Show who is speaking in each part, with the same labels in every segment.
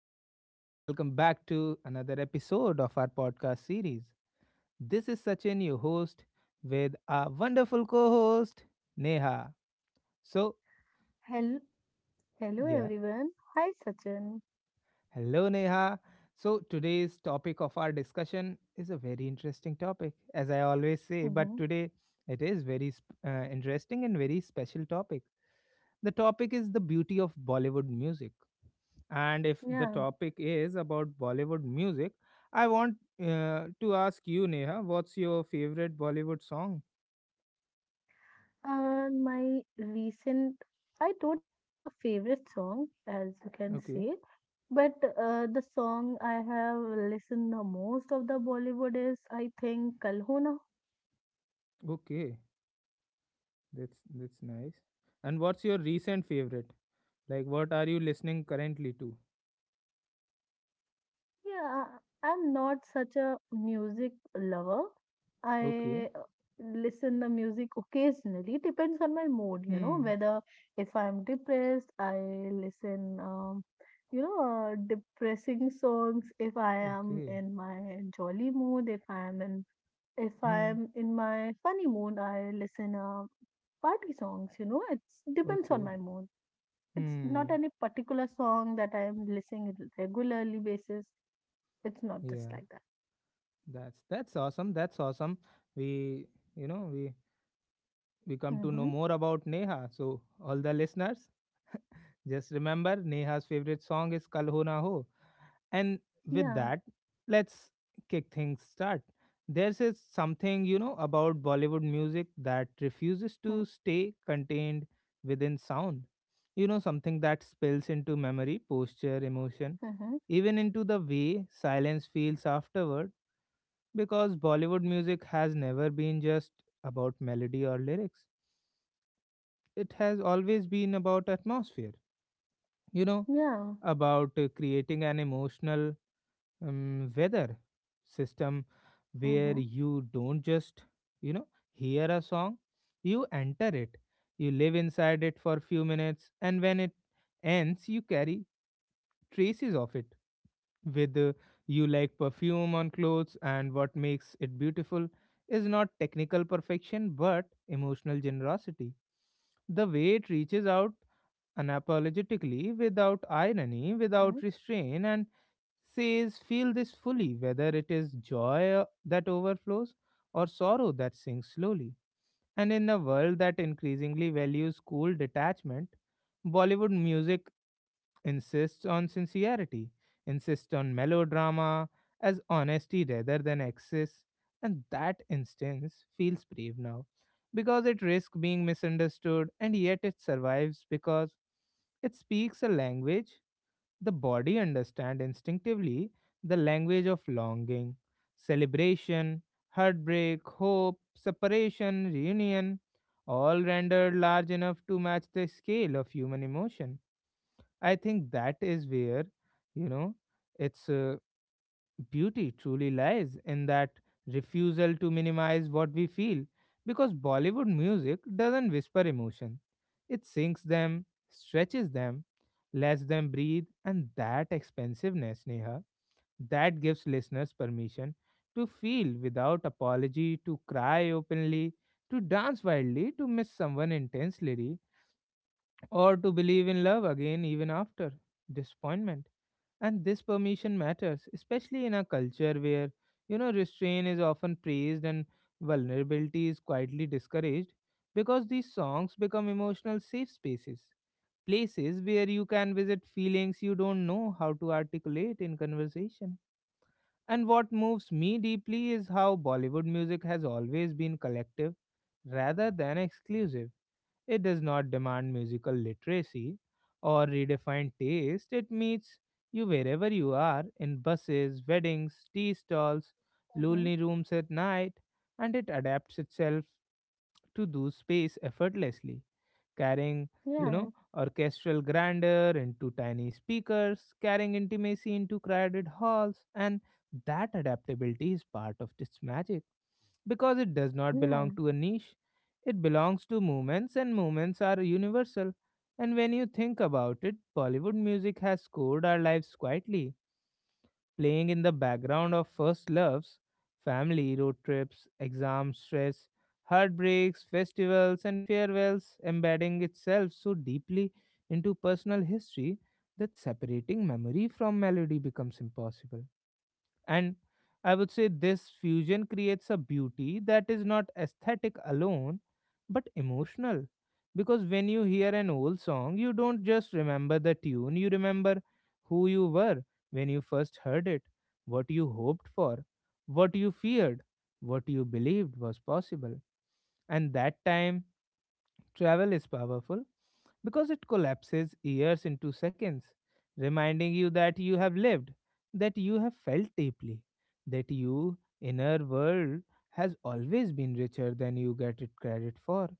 Speaker 1: everyone. Welcome back to another episode of our podcast series. This is Sachin, your host, with our wonderful co host, Neha. So,
Speaker 2: Hello, hello
Speaker 1: yeah,
Speaker 2: everyone. Hi Sachin.
Speaker 1: hello, Neha. So, today's topic of our discussion is a very interesting topic, as I always say, but
Speaker 2: Mm-hmm.
Speaker 1: today it is very interesting and very special topic. The topic is the beauty of Bollywood music. And if the
Speaker 2: Yeah.
Speaker 1: topic is about Bollywood music, I want to ask you, Neha, what's your favorite Bollywood song?
Speaker 2: My recent, I don't have a favorite song, as you can
Speaker 1: Okay,
Speaker 2: say, but the song I have listened the most of the Bollywood is, I think, "Kal Ho Na
Speaker 1: okay, that's nice. And what's your recent favorite? Like, what are you listening currently to?
Speaker 2: Yeah, I'm not such a music lover.
Speaker 1: Okay,
Speaker 2: I listen the music occasionally. Depends on my mood, you know,
Speaker 1: hmm,
Speaker 2: whether if I'm depressed, I listen, you know, depressing songs. If I am
Speaker 1: okay,
Speaker 2: in my jolly mood, if I
Speaker 1: hmm,
Speaker 2: am in my funny mood, I listen party songs, you know. It's depends on
Speaker 1: okay,
Speaker 2: my mood. It's not
Speaker 1: hmm.
Speaker 2: any particular song that I am listening regularly basis it's not just
Speaker 1: Yeah,
Speaker 2: like that.
Speaker 1: that's awesome. That's awesome. We, you know, we we come to know
Speaker 2: Mm-hmm.
Speaker 1: more about Neha. So, all the listeners, just remember, Neha's favorite song is Kal Ho Na Ho. And with
Speaker 2: Yeah.
Speaker 1: that, let's kick things start. There's a something, about Bollywood music that refuses
Speaker 2: Mm-hmm.
Speaker 1: to stay contained within sound. Something that spills into memory, posture, emotion,
Speaker 2: Mm-hmm.
Speaker 1: even into the way silence feels afterward, because Bollywood music has never been just about melody or lyrics. It has always been about atmosphere. You know,
Speaker 2: Yeah.
Speaker 1: about creating an emotional weather system where
Speaker 2: Mm-hmm.
Speaker 1: you don't just you know hear a song, you enter it, you live inside it for few minutes, and when it ends you carry traces of it with you like perfume on clothes. And what makes it beautiful is not technical perfection but emotional generosity, the way it reaches out unapologetically, without irony,
Speaker 2: Mm-hmm.
Speaker 1: without restraint, and says, Feel this fully, whether it is joy that overflows or sorrow that sinks slowly. And in a world that increasingly values cool detachment, Bollywood music insists on sincerity, insists on melodrama as honesty rather than excess, and that instance feels brave now because it risks being misunderstood, and yet it survives because it speaks a language the body understand instinctively, the language of longing, celebration, heartbreak, hope, separation, reunion, all rendered large enough to match the scale of human emotion. I think that is where, you know, its beauty truly lies, in that refusal to minimize what we feel. Because Bollywood music doesn't whisper emotion, it sinks them, stretches them, lets them breathe, and that expensiveness, Neha, that gives listeners permission to feel without apology, to cry openly, to dance wildly, to miss someone intensely, or to believe in love again even after disappointment. And this permission matters, especially in a culture where, restraint is often praised and vulnerability is quietly discouraged, because these songs become emotional safe spaces, places where you can visit feelings you don't know how to articulate in conversation. And what moves me deeply is how Bollywood music has always been collective rather than exclusive. It does not demand musical literacy or redefined taste. It meets you wherever you are, in buses, weddings, tea stalls,
Speaker 2: Mm-hmm.
Speaker 1: lonely rooms at night, and it adapts itself to do space effortlessly, carrying, you
Speaker 2: Yeah.
Speaker 1: know, orchestral grandeur into tiny speakers, carrying intimacy into crowded halls, and that adaptability is part of its magic because it does not belong
Speaker 2: Yeah.
Speaker 1: to a niche. It belongs to movements, and movements are universal. And when you think about it, Bollywood music has scored our lives quietly, playing in the background of first loves, family, road trips, exams, stress, heartbreaks, festivals, and farewells, embedding itself so deeply into personal history that separating memory from melody becomes impossible. And I would say this fusion creates a beauty that is not aesthetic alone, but emotional. Because when you hear an old song, you don't just remember the tune, you remember who you were when you first heard it, what you hoped for, what you feared, what you believed was possible. And that time travel is powerful because it collapses years into seconds, reminding you that you have lived, that you have felt deeply, that your inner world has always been richer than you get it credit for.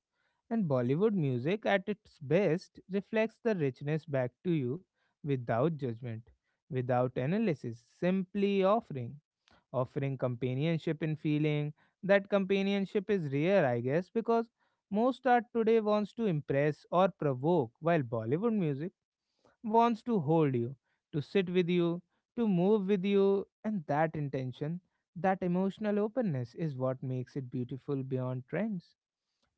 Speaker 1: And Bollywood music at its best reflects the richness back to you, without judgment, without analysis, simply offering, offering companionship in feeling. That companionship is rare, I guess, because most art today wants to impress or provoke, while Bollywood music wants to hold you, to sit with you, to move with you, and that intention, that emotional openness is what makes it beautiful beyond trends,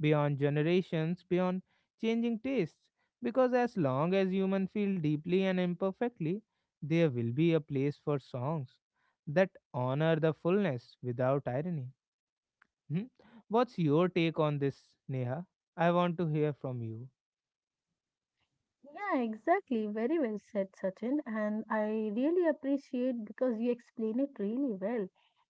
Speaker 1: beyond generations, beyond changing tastes. Because as long as humans feel deeply and imperfectly, there will be a place for songs that honor the fullness without irony. Hmm? What's your take on this, Neha? I want to hear from you.
Speaker 2: Yeah, exactly. Very well said, Sachin. And I really appreciate because you explain it really well.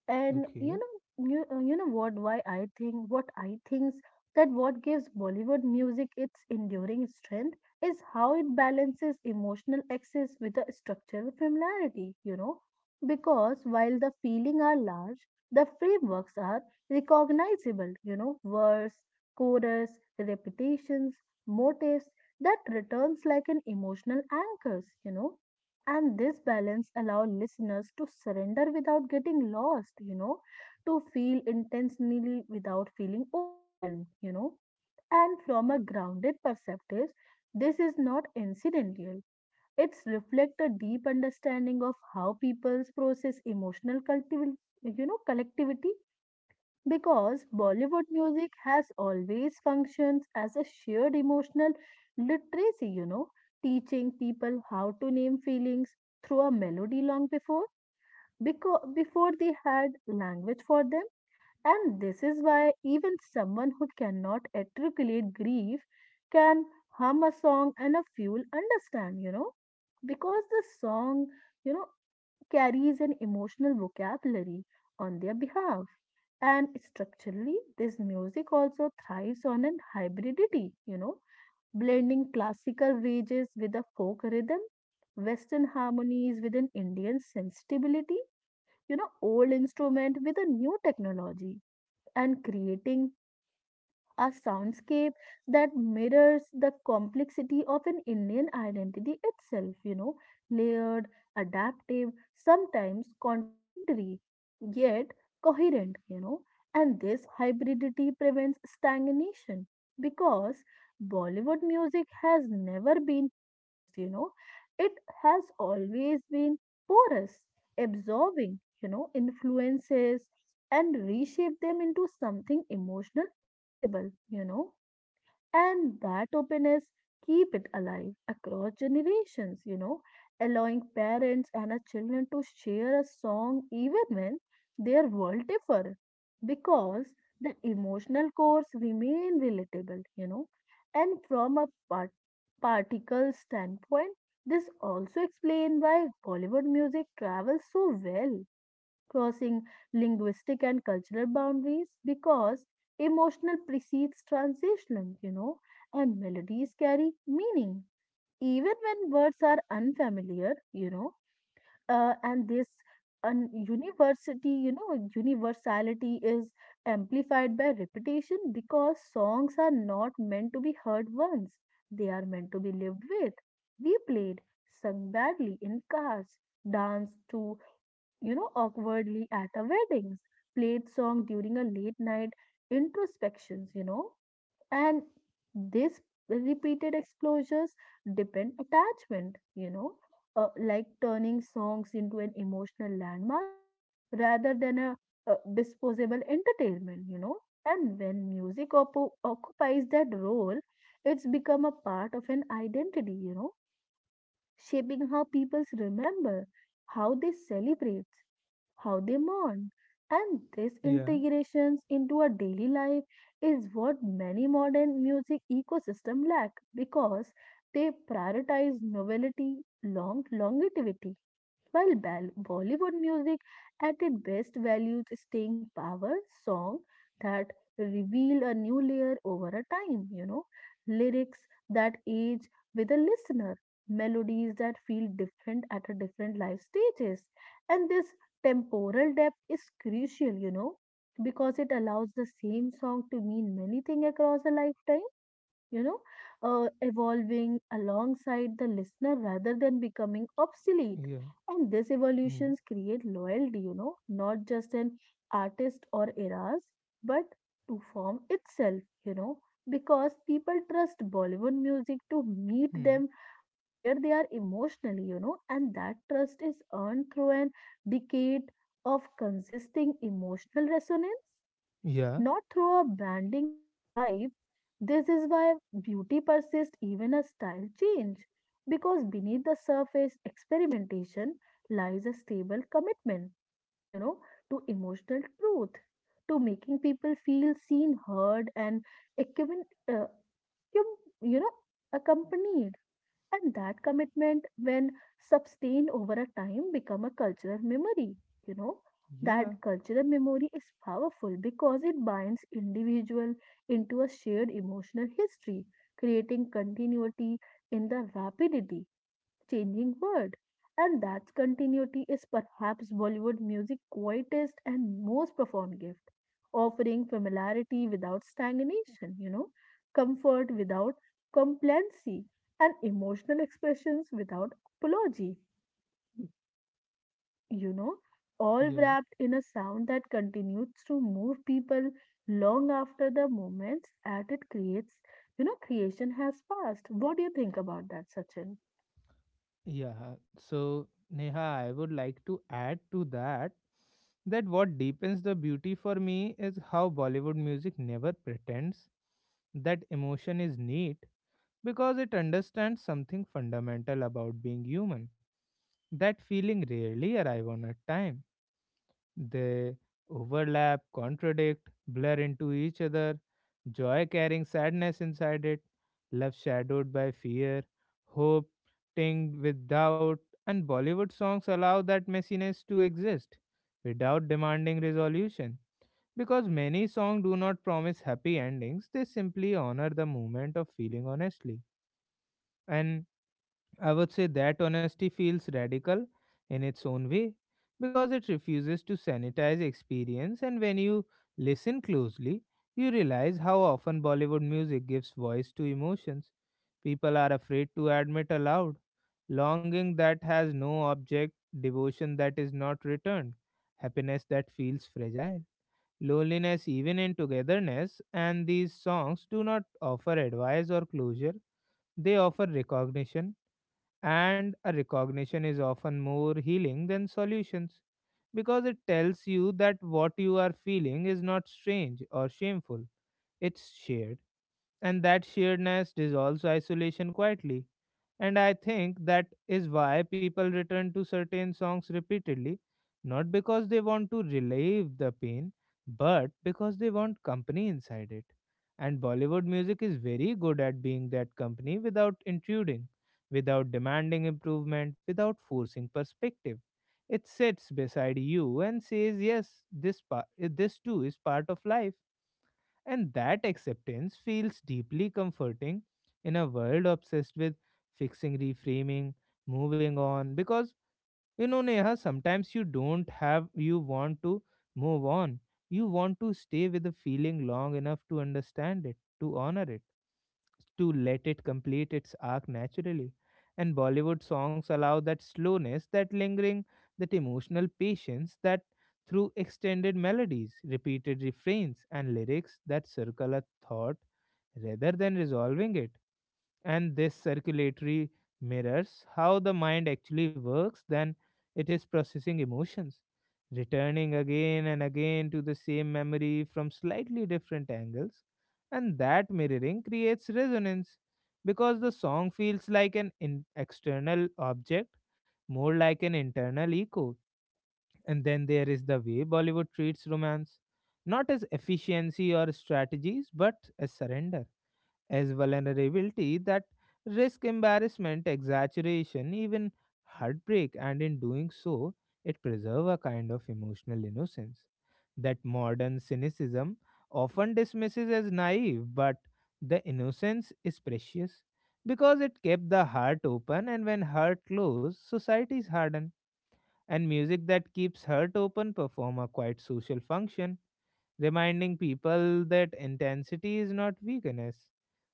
Speaker 2: And you
Speaker 1: Okay.
Speaker 2: know, you, you know what? Why I think what I think that what gives Bollywood music its enduring strength is how it balances emotional excess with a structural familiarity. You know, because while the feeling are large, the frameworks are recognizable. You know, verse, chorus, repetitions motives that returns like an emotional anchors, you know. And this balance allows listeners to surrender without getting lost, you know, to feel intensely without feeling overwhelmed, you know. And from a grounded perspective, this is not incidental. It's reflect a deep understanding of how peoples process emotional cultiv, you know, collectivity because Bollywood music has always functions as a shared emotional literacy, you know, teaching people how to name feelings through a melody long before because before they had language for them. And this is why even someone who cannot articulate grief can hum a song and a few will understand, you know because the song you know carries an emotional vocabulary on their behalf. And structurally, this music also thrives on an hybridity, you know, blending classical wages with a folk rhythm, Western harmonies with an Indian sensibility, you know, old instrument with a new technology, and creating a soundscape that mirrors the complexity of an Indian identity itself, you know, layered, adaptive, sometimes contradictory, yet coherent, you know. And this hybridity prevents stagnation because Bollywood music has never been purist, you know, it has always been porous, absorbing you know, influences and reshape them into something emotional, accessible, you know, and that openness keep it alive across generations, you know, allowing parents and our children to share a song even when their world differ because the emotional cores remain relatable, you know, and from a particle standpoint, this also explains why Bollywood music travels so well crossing linguistic and cultural boundaries because emotional precedes transition, you know, and melodies carry meaning even when words are unfamiliar, you know, and this university, you know, universality is amplified by repetition because songs are not meant to be heard once, they are meant to be lived with, replayed, sung badly in cars, danced to you know, awkwardly at a weddings, played song during a late night introspections, you know, and this repeated exposures depend attachment, you know, like turning songs into an emotional landmarks rather than a, disposable entertainment, you know. And when music occupies that role, it's become a part of an identity, you know shaping how people remember, how they celebrate, how they mourn. And this
Speaker 1: Yeah.
Speaker 2: integrations into our daily life is what many modern music ecosystem lack because they prioritize novelty, longevity while Bollywood music at its best values staying power song that reveal a new layer over a time, you know, lyrics that age with a listener, melodies that feel different at a different life stages. And this temporal depth is crucial, you know, because it allows the same song to mean many things across a lifetime you know, evolving alongside the listener rather than becoming obsolete.
Speaker 1: Yeah.
Speaker 2: And these
Speaker 1: Hmm.
Speaker 2: evolutions create loyalty, you know, not just an artist or eras, but to form itself, you know, because people trust Bollywood music to meet
Speaker 1: Hmm.
Speaker 2: them where they are emotionally, you know, and that trust is earned through an decade of consisting emotional resonance
Speaker 1: Yeah.
Speaker 2: not through a branding or a hype. This is why beauty persists even as style change, because beneath the surface experimentation lies a stable commitment, you know, to emotional truth, to making people feel seen, heard, and equipped, you, you know, accompanied. And that commitment, when sustained over a time, become a cultural memory. You know,
Speaker 1: Yeah.
Speaker 2: that cultural memory is powerful because it binds individual into a shared emotional history, creating continuity in the rapidity changing world. And that continuity is perhaps Bollywood music's quietest and most profound gift, offering familiarity without stagnation, you know, comfort without complacency, and emotional expressions without apology, you know, all
Speaker 1: Yeah.
Speaker 2: wrapped in a sound that continues to move people long after the moments that it creates, you know, creation has passed. What do you think about that, Sachin?
Speaker 1: Yeah. So, Neha, I would like to add to that that what deepens the beauty for me is how Bollywood music never pretends that emotion is neat, because it understands something fundamental about being human. That feeling rarely arrive on a time. They overlap, contradict, blur into each other, joy carrying sadness inside it, love shadowed by fear, hope tinged with doubt, and Bollywood songs allow that messiness to exist without demanding resolution. Because many songs do not promise happy endings, they simply honor the moment of feeling honestly. And I would say that honesty feels radical in its own way because it refuses to sanitize experience, and when you listen closely, you realize how often Bollywood music gives voice to emotions people are afraid to admit aloud. Longing that has no object, devotion that is not returned, happiness that feels fragile, loneliness even in togetherness, and these songs do not offer advice or closure, they offer recognition, and a recognition is often more healing than solutions because it tells you that what you are feeling is not strange or shameful, it's shared. And that sheerness dissolves isolation quietly. And I think that is why people return to certain songs repeatedly, not because they want to relieve the pain, but because they want company inside it. And Bollywood music is very good at being that company without intruding, without demanding improvement, without forcing perspective. It sits beside you and says, Yes, this too is part of life, and that acceptance feels deeply comforting in a world obsessed with fixing, reframing, moving on. Because, Neha, sometimes you don't have, you want to move on. You want to stay with the feeling long enough to understand it, to honor it, to let it complete its arc naturally. And Bollywood songs allow that slowness, that lingering, that emotional patience, that through extended melodies, repeated refrains, and lyrics that circle a thought rather than resolving it, and this circulatory mirrors how the mind actually works then it is processing emotions, returning again and again to the same memory from slightly different angles, and that mirroring creates resonance because the song feels like an external object, more like an internal echo. And then there is the way Bollywood treats romance, not as efficiency or strategies but as surrender, as vulnerability that risk embarrassment, exaggeration, even heartbreak, and in doing so, it preserve a kind of emotional innocence that modern cynicism often dismisses as naive, but the innocence is precious because it kept the heart open, and when heart closed, societies harden. And music that keeps heart open perform a quite social function, reminding people that intensity is not weakness,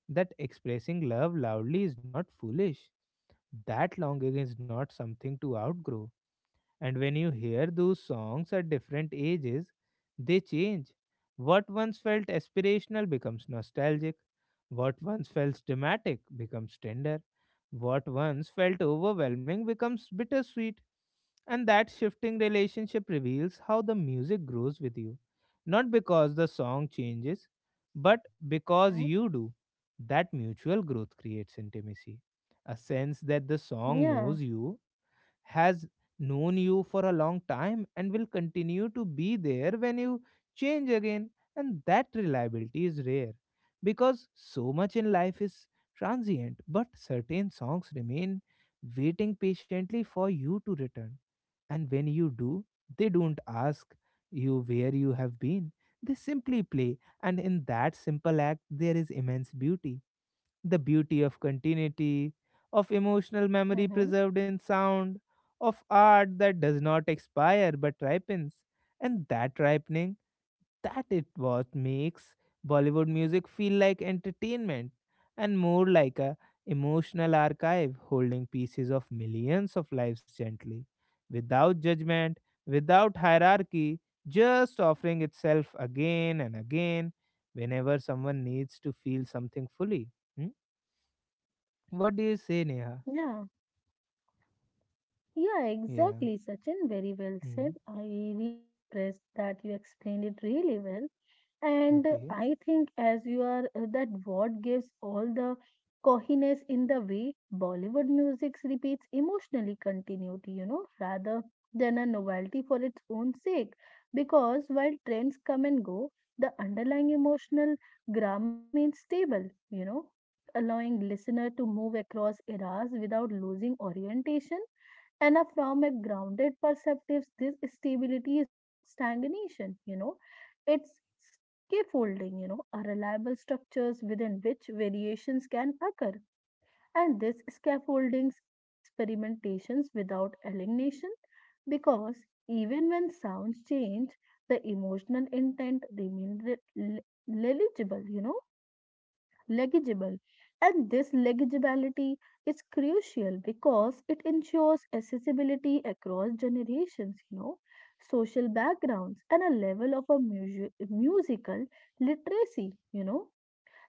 Speaker 1: that expressing love loudly is not foolish, that longing is not something to outgrow, and when you hear those songs at different ages, they change. What once felt aspirational becomes nostalgic. What once felt dramatic becomes tender. What once felt overwhelming becomes bittersweet. And that shifting relationship reveals how the music grows with you. Not because the song changes, but because
Speaker 2: Mm-hmm.
Speaker 1: you do. That mutual growth creates intimacy. A sense that the song
Speaker 2: Yeah.
Speaker 1: knows you, has known you for a long time and will continue to be there when you change again. And that reliability is rare because so much in life is transient, but certain songs remain, waiting patiently for you to return. And when you do, they don't ask you where you have been, they simply play. And in that simple act, there is immense beauty, the beauty of continuity, of emotional memory
Speaker 2: Mhm.
Speaker 1: preserved in sound, of art that does not expire but ripens. And that ripening, that it what makes Bollywood music feel like entertainment and more like a emotional archive holding pieces of millions of lives gently, without judgment, without hierarchy, just offering itself again and again whenever someone needs to feel something fully. Hmm? What do you say, Neha?
Speaker 2: Yeah, yeah,
Speaker 1: Yeah.
Speaker 2: exactly, Sachin. Very well said.
Speaker 1: Hmm.
Speaker 2: I really impressed that you explained it really well. And
Speaker 1: Okay.
Speaker 2: I think as you are that what gives all the cohiness in the way Bollywood music repeats emotionally continuity, you know, rather than a novelty for its own sake. Because while trends come and go, the underlying emotional grammar remains stable, you know, allowing listener to move across eras without losing orientation and from a grounded perspective, this stability is not stagnation, you know, it's scaffolding, you know, a reliable structures within which variations can occur. And these scaffoldings allow experimentations without alienation because even when sounds change, the emotional intent remains legible, you know legible. And this legibility is crucial because it ensures accessibility across generations, you know, social backgrounds, and a level of a musical literacy, you know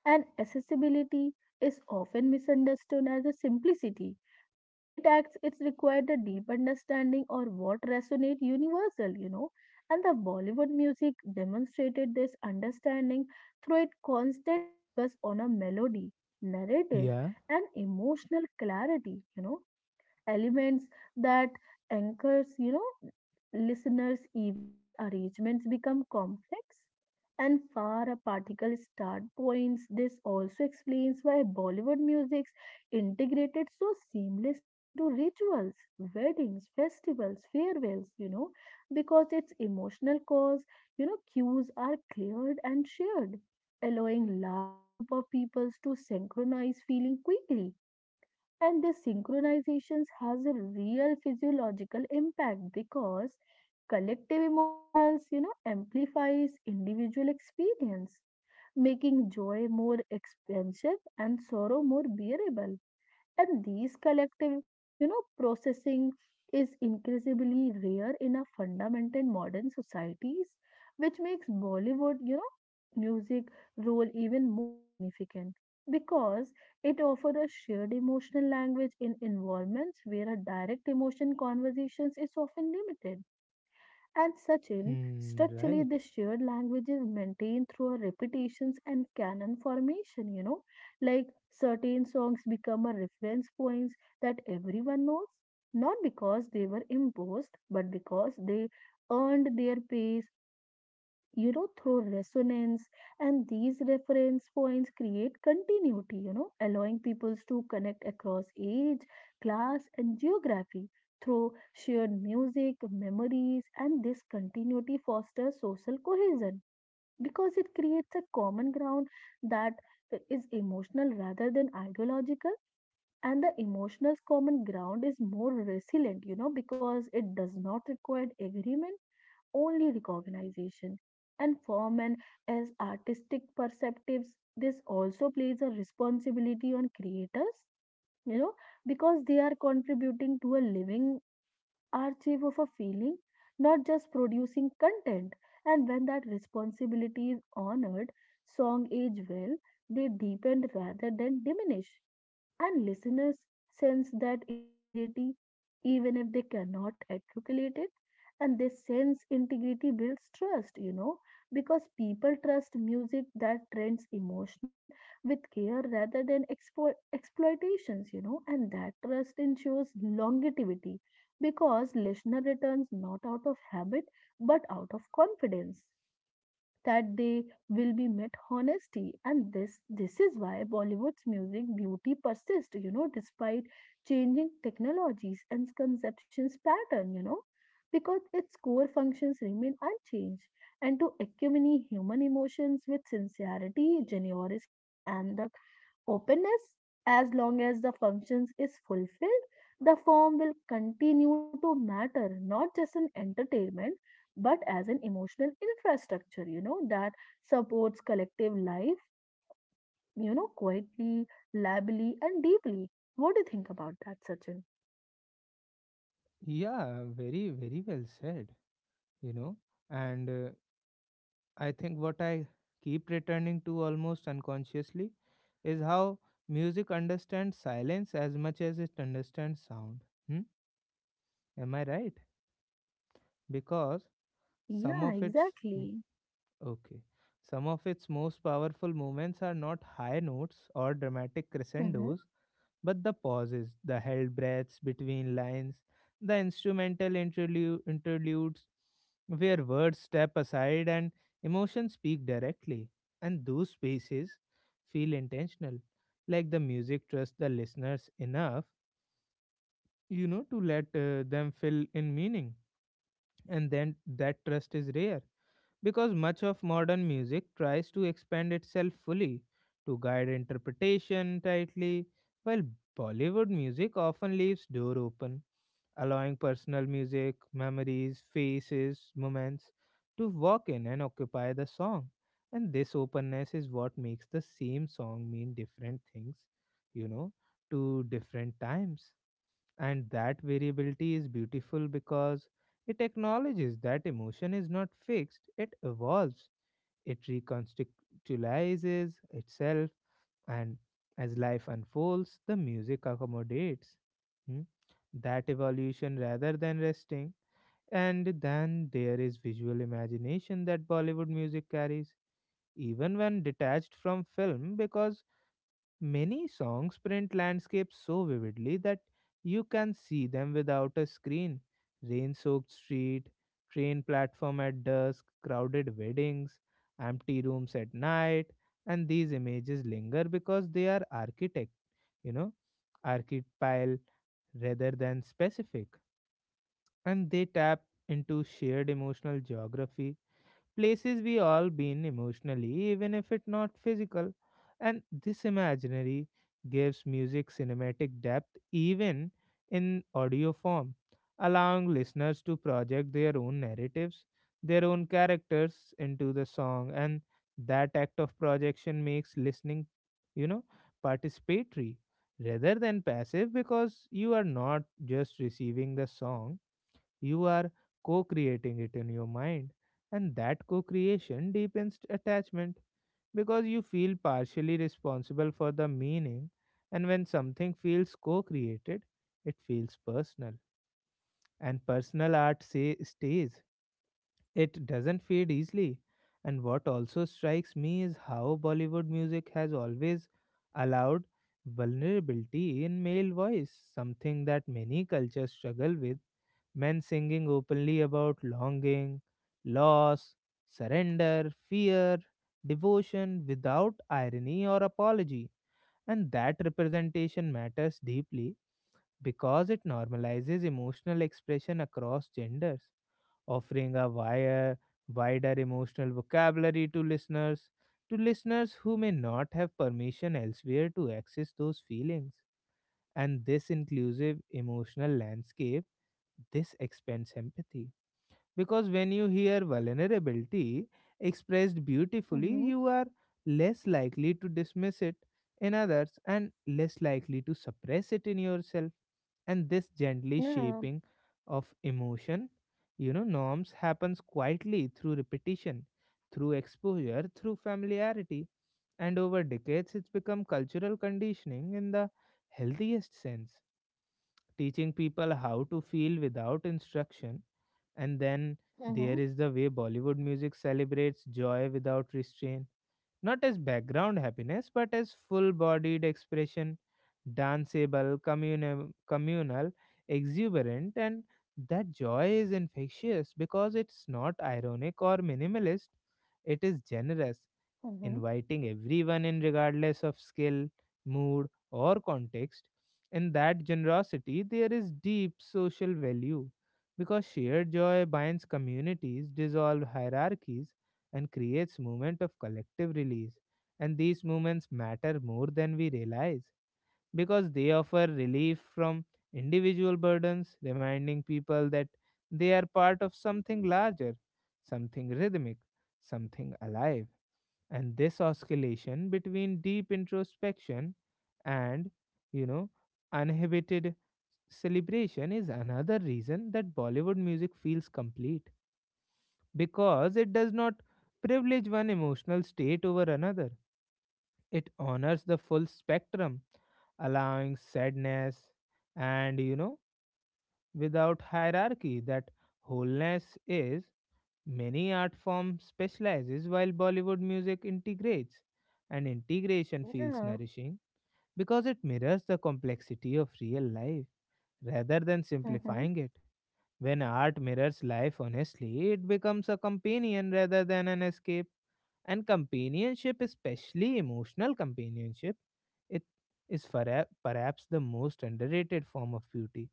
Speaker 2: and accessibility is often misunderstood as a simplicity. When it acts, it's required a deep understanding or what resonate universal, you know. And the Bollywood music demonstrated this understanding through its constant focus on a melody, narrative,
Speaker 1: Yeah.
Speaker 2: and emotional clarity, you know elements that anchors, you know, listeners even when arrangements become complex and far a particle start points. This also explains why Bollywood music's integrated so seamlessly into rituals, weddings, festivals, farewells, you know, because its emotional cause, you know, cues are cleared and shared, allowing large group of peoples to synchronize feeling quickly and the synchronizations has a real physiological impact because collective emotionals, you know, amplifies individual experience, making joy more expansive and sorrow more bearable. And these collective, you know, processing is increasingly rare in our fundamental modern societies, which makes Bollywood, you know, music role even more significant because it offers a shared emotional language in environments where a direct emotion conversations is often limited. And Sachin,
Speaker 1: Hmm.
Speaker 2: structurally,
Speaker 1: Right.
Speaker 2: the shared language is maintained through a repetitions and canon formation, you know, like certain songs become a reference points that everyone knows, not because they were imposed, but because they earned their place you know through resonance and these reference points create continuity you know allowing peoples to connect across age class and geography through shared music memories and this continuity fosters social cohesion because it creates a common ground that is emotional rather than ideological and the emotional common ground is more resilient you know because it does not require agreement only recognition. And for men as artistic perceptives, this also plays a responsibility on creators, you know, because they are contributing to a living archive of a feeling, not just producing content. And when that responsibility is honored, song age well, they deepen rather than diminish. And listeners sense that integrity, even if they cannot articulate it. And they sense integrity builds trust, you know, because people trust music that trends emotional with care rather than exploitations, you know, and that trust ensures longevity because listener returns not out of habit but out of confidence that they will be met honesty and this is why bollywood's music beauty persists you know despite changing technologies and conceptions pattern you know because its core functions remain unchanged and to accompany human emotions with sincerity generosity and the openness as long as the functions is fulfilled the form will continue to matter not just an entertainment but as an emotional infrastructure you know that supports collective life you know quietly liably and deeply what do you think about that sachin
Speaker 1: Yeah. Very, very well said. You know, and I think what I keep returning to almost unconsciously is how music understands silence as much as it understands sound. Hmm? Am I right? Because some
Speaker 2: Yeah,
Speaker 1: of its mm,
Speaker 2: exactly.
Speaker 1: okay, some of its most powerful moments are not high notes or dramatic
Speaker 2: Mm-hmm.
Speaker 1: crescendos, but the pauses, the held breaths between lines, the instrumental interludes, where words step aside and emotions speak directly. And those spaces feel intentional, like the music trusts the listeners enough, you know, to let them fill in meaning. And then that trust is rare because much of modern music tries to expand itself fully to guide interpretation tightly, while Bollywood music often leaves door open, allowing personal music, memories, faces, moments to walk in and occupy the song. And this openness is what makes the same song mean different things, you know, to different times. And that variability is beautiful because it acknowledges that emotion is not fixed, it evolves, it reconstitutionalizes itself, and as life unfolds, the music accommodates hmm, that evolution rather than resting. And then there is visual imagination that Bollywood music carries, even when detached from film, because many songs print landscapes so vividly that you can see them without a screen. Rain soaked street, train platform at dusk, crowded weddings, empty rooms at night, and these images linger because they are architect, you know, archetypal rather than specific, and they tap into shared emotional geography, places we all been emotionally, even if it's not physical. And this imaginary gives music cinematic depth even in audio form, allowing listeners to project their own narratives, their own characters into the song, and that act of projection makes listening, you know, participatory rather than passive, because you are not just receiving the song, you are co creating it in your mind, and that co creation deepens attachment because you feel partially responsible for the meaning. And when something feels co created, it feels personal. And personal art say, stays, it doesn't fade easily. And what also strikes me is how Bollywood music has always allowed vulnerability in male voice, something that many cultures struggle with, men singing openly about longing, loss, surrender, fear, devotion without irony or apology. And that representation matters deeply because it normalizes emotional expression across genders, offering a wider emotional vocabulary to listeners who may not have permission elsewhere to access those feelings. And this inclusive emotional landscape, this expands empathy because when you hear vulnerability expressed beautifully,
Speaker 2: Mm-hmm.
Speaker 1: you are less likely to dismiss it in others and less likely to suppress it in yourself. And this gently
Speaker 2: Yeah.
Speaker 1: shaping of emotion, you know, norms happens quietly through repetition, through exposure, through familiarity. And over decades, it's become cultural conditioning in the healthiest sense, teaching people how to feel without instruction. And then there is the way Bollywood music celebrates joy without restraint, not as background happiness, but as full bodied expression, danceable, communal, exuberant, and that joy is infectious because it's not ironic or minimalist, it is generous,
Speaker 2: Mm-hmm.
Speaker 1: inviting everyone in regardless of skill, mood, or context. In that generosity, there is deep social value because shared joy binds communities, dissolves hierarchies, and creates movement of collective release. And these movements matter more than we realize because they offer relief from individual burdens, reminding people that they are part of something larger, something rhythmic, something alive. And this oscillation between deep introspection and, you know, uninhibited celebration is another reason that Bollywood music feels complete, because it does not privilege one emotional state over another, it honors the full spectrum, allowing sadness and, you know, without hierarchy that wholeness is. Many art forms specializes while Bollywood music integrates, and integration
Speaker 2: Mm-hmm.
Speaker 1: feels
Speaker 2: Yeah.
Speaker 1: nourishing because it mirrors the complexity of real life rather than
Speaker 2: Mm-hmm.
Speaker 1: simplifying it. When art mirrors life honestly, it becomes a companion rather than an escape. And companionship, especially emotional companionship, it is perhaps the most underrated form of beauty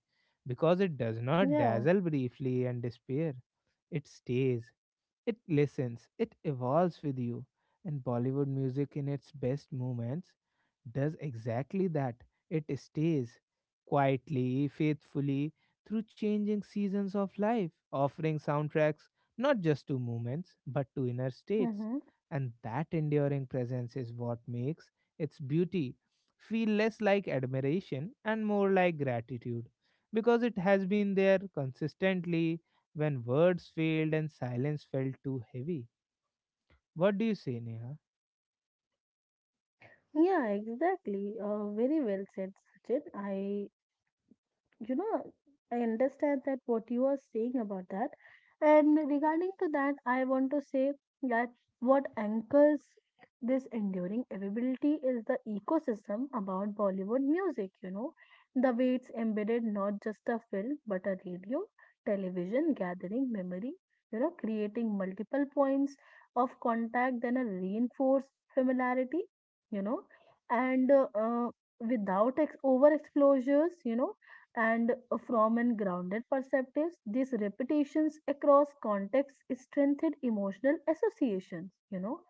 Speaker 1: because it does not
Speaker 2: Yeah.
Speaker 1: dazzle briefly and despair. It stays, it listens, it evolves with you. And Bollywood music, in its best moments, does exactly that. It stays quietly, faithfully, through changing seasons of life, offering soundtracks not just to moments, but to inner states.
Speaker 2: Mm-hmm.
Speaker 1: And that enduring presence is what makes its beauty feel less like admiration and more like gratitude because it has been there consistently when words failed and silence felt too heavy. What do you say, Neha?
Speaker 2: Yeah, exactly. Very well said, Sachin. You know I understand that what you are saying about that, and regarding to that I want to say that what anchors this enduring availability is the ecosystem about Bollywood music. The way it's embedded not just a film but a radio, television gathering memory, creating multiple points of contact then a reinforced familiarity you know and without over exposures, and from an grounded perspective, these repetitions across contexts strengthened emotional associations, you know,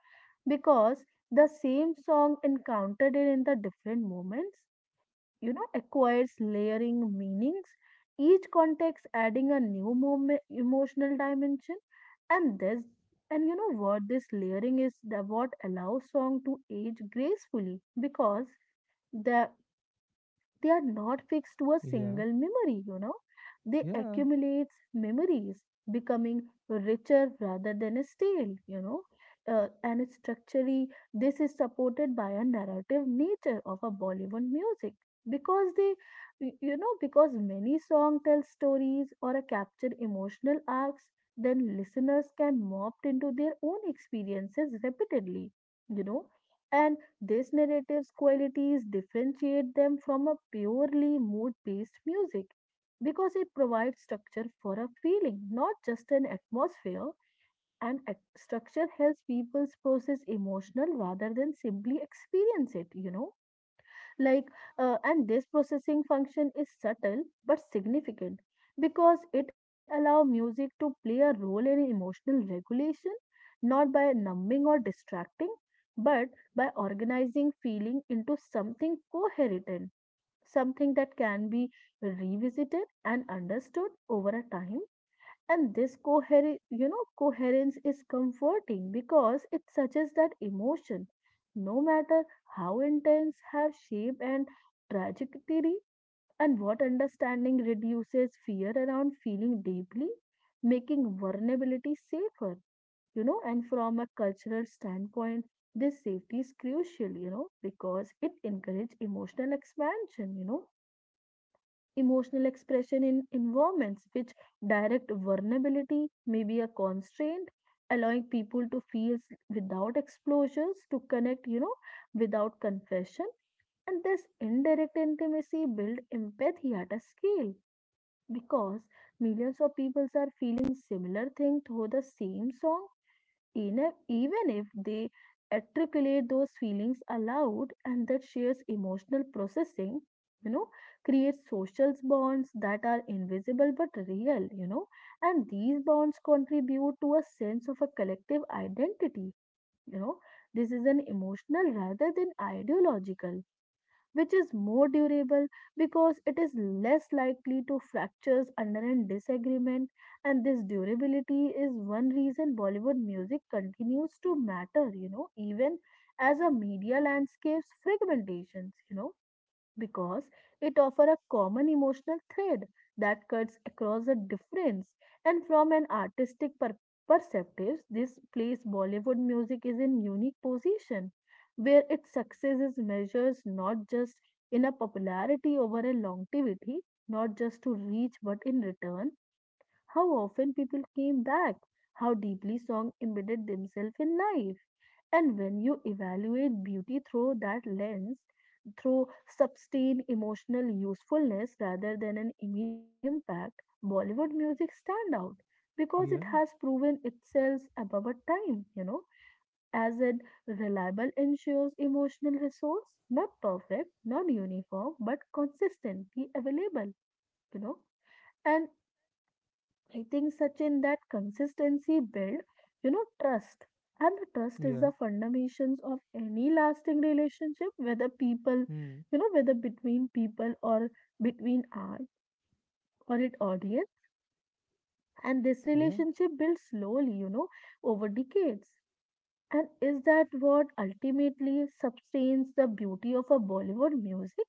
Speaker 2: because the same song encountered in the different moments, you know, acquires layering meanings, each context adding a new moment, emotional dimension. And this, and you know what, This layering is the, what allows song to age gracefully because the they are not fixed to a
Speaker 1: Yeah,
Speaker 2: single memory, you know. They
Speaker 1: yeah,
Speaker 2: accumulate memories, becoming richer rather than stale, you know. And structurally, this is supported by a narrative nature of a Bollywood music because they, y- you know, because many song tell stories or a capture emotional arcs, then listeners can morph into their own experiences repeatedly, you know. And these narratives qualities differentiate them from a purely mood based music because it provides structure for a feeling, not just an atmosphere. And structure helps people process emotional rather than simply experience it, like and this processing function is subtle but significant because it allows music to play a role in emotional regulation, not by numbing or distracting but by organizing feeling into something coherent, something that can be revisited and understood over a time. And this coherence is comforting because it suggests that emotion, no matter how intense, have shape and trajectory, and what understanding reduces fear around feeling deeply, making vulnerability safer, you know, and from a cultural standpoint, this safety is crucial, you know, because it encourages emotional expansion, you know, emotional expression in environments which direct vulnerability may be a constraint, allowing people to feel without exposures to connect, you know, without confession. And this indirect intimacy build empathy at a scale because millions of people are feeling similar thing through the same song. Even if they articulate those feelings aloud, and that shares emotional processing, you know, creates social bonds that are invisible but real, you know, and these bonds contribute to a sense of a collective identity. You know, this is an emotional rather than ideological which is more durable because it is less likely to fractures under a disagreement. And this durability is one reason Bollywood music continues to matter, you know, even as a media landscapes fragmentations, you know, because it offers a common emotional thread that cuts across the difference. And from an perspective, this place Bollywood music is in unique position where its success is measured not just in a popularity over a longevity, not just to reach, but in return, how often people came back, how deeply songs embedded themselves in life. And when you evaluate beauty through that lens, through sustained emotional usefulness rather than an immediate impact, Bollywood music stand out because it
Speaker 1: yeah,
Speaker 2: has proven itself above a time, you know, as a reliable ensures emotional resource, not perfect, not uniform, but consistently available, you know. And I think, Sachin, that consistency build, you know, trust. And the trust is
Speaker 1: yeah.
Speaker 2: the foundations of any lasting relationship, whether people,
Speaker 1: Hmm.
Speaker 2: you know, whether between people or between art or an audience. And this
Speaker 1: Yeah.
Speaker 2: relationship builds slowly, you know, over decades. And is that what ultimately sustains the beauty of a Bollywood music?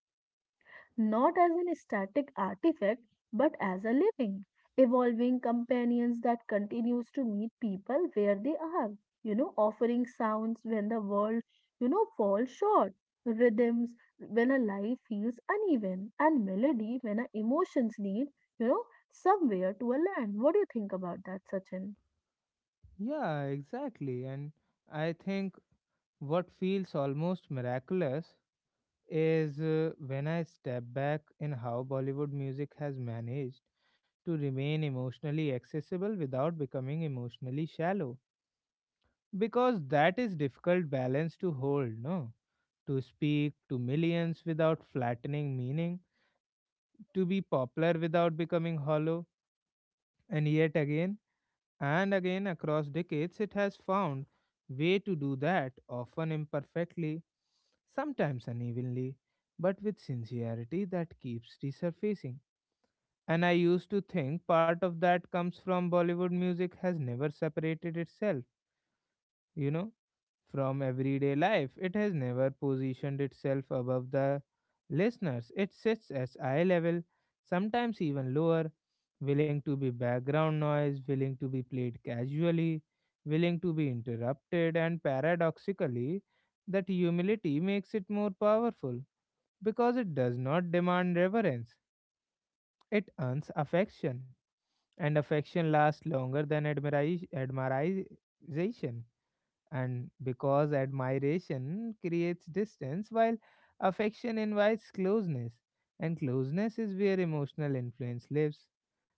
Speaker 2: Not as an static artifact but as a living, evolving companions that continues to meet people where they are, you know, offering sounds when the world, you know, falls short, rhythms when a life feels uneven, and melody when our emotions need, you know, somewhere to a land. What do you think about that, Sachin?
Speaker 1: Yeah, exactly. And I think what feels almost miraculous is, when I step back, in how Bollywood music has managed to remain emotionally accessible without becoming emotionally shallow. Because that is difficult balance to hold, no? To speak to millions without flattening meaning, to be popular without becoming hollow, and yet again and again across decades it has found way to do that, often imperfectly, sometimes unevenly, but with sincerity that keeps resurfacing. And I used to think part of that comes from Bollywood music has never separated itself, you know, from everyday life. It has never positioned itself above the listeners. It sits at eye level, sometimes even lower, willing to be background noise, willing to be played casually, willing to be interrupted, and paradoxically, that humility makes it more powerful because it does not demand reverence. It earns affection, and affection lasts longer than admiration, and because admiration creates distance while affection invites closeness, and closeness is where emotional influence lives.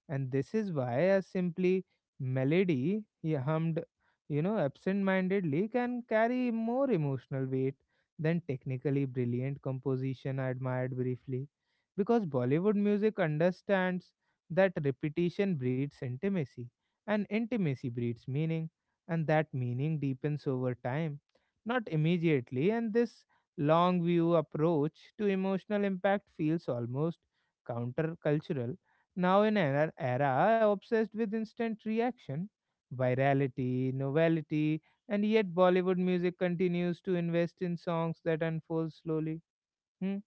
Speaker 1: And this is why a simply melody he hummed, you know, absent-mindedly can carry more emotional weight than technically brilliant composition I admired briefly, because Bollywood music understands that repetition breeds intimacy and intimacy breeds meaning, and that meaning deepens over time, not immediately. And this long view approach to emotional impact feels almost countercultural. Now, in an era obsessed with instant reaction, virality, novelty, and yet Bollywood music continues to invest in songs that unfold slowly, hmm,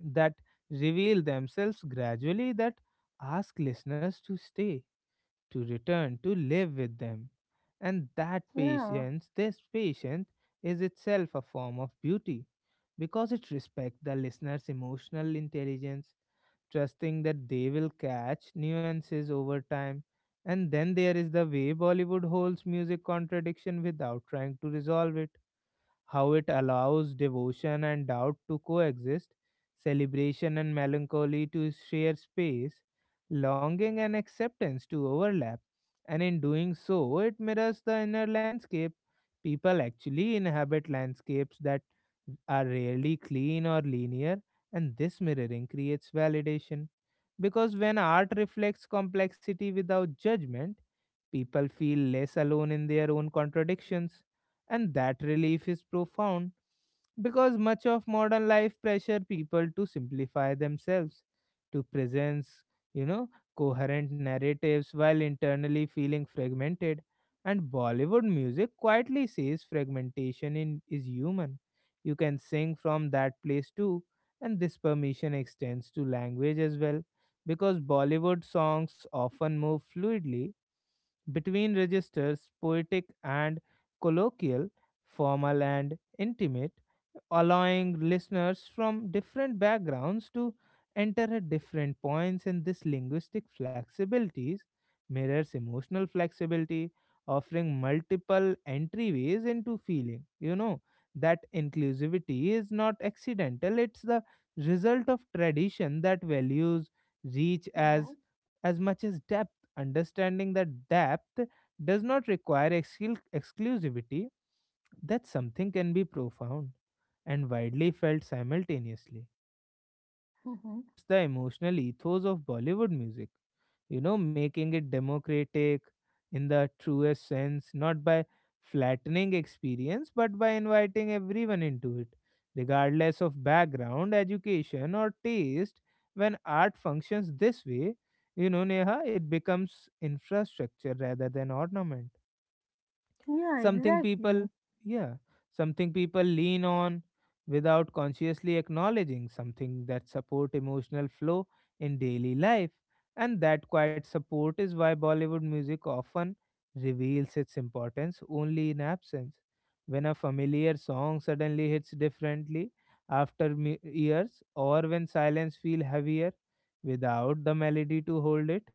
Speaker 1: that reveal themselves gradually, that ask listeners to stay, to return, to live with them. And that
Speaker 2: Yeah.
Speaker 1: patience, this patience, is itself a form of beauty because it respects the listener's emotional intelligence, trusting that they will catch nuances over time. And then there is the way Bollywood holds music contradiction without trying to resolve it, how it allows devotion and doubt to coexist, celebration and melancholy to share space, longing and acceptance to overlap. And in doing so, it mirrors the inner landscape. People actually inhabit landscapes that are rarely clean or linear, and this mirroring creates validation. Because when art reflects complexity without judgment, people feel less alone in their own contradictions. And that relief is profound because much of modern life pressure people to simplify themselves, to present, you know, coherent narratives while internally feeling fragmented. And Bollywood music quietly says fragmentation in, is human. You can sing from that place too, and this permission extends to language as well because Bollywood songs often move fluidly between registers, poetic and colloquial, formal and intimate, allowing listeners from different backgrounds to enter at different points in this linguistic flexibilities, mirrors emotional flexibility, offering multiple entryways into feeling, you know. That inclusivity is not accidental, it's the result of tradition that values reach
Speaker 2: Mm-hmm.
Speaker 1: as much as depth, understanding that depth does not require exclusivity, that something can be profound and widely felt simultaneously. And this belief
Speaker 2: Mm-hmm.
Speaker 1: shapes the emotional ethos of Bollywood music, you know, making it democratic in the truest sense, not by flattening experience, but by inviting everyone into it, regardless of background, education, or taste. When art functions this way, you know, Neha, it becomes infrastructure rather than ornament,
Speaker 2: Yeah,
Speaker 1: something
Speaker 2: exactly.
Speaker 1: people, yeah, something people lean on without consciously acknowledging, something that support emotional flow in daily life, and that quiet support is why Bollywood music often reveals its importance only in absence, when a familiar song suddenly hits differently after years, or when silence feel heavier without the melody to hold it.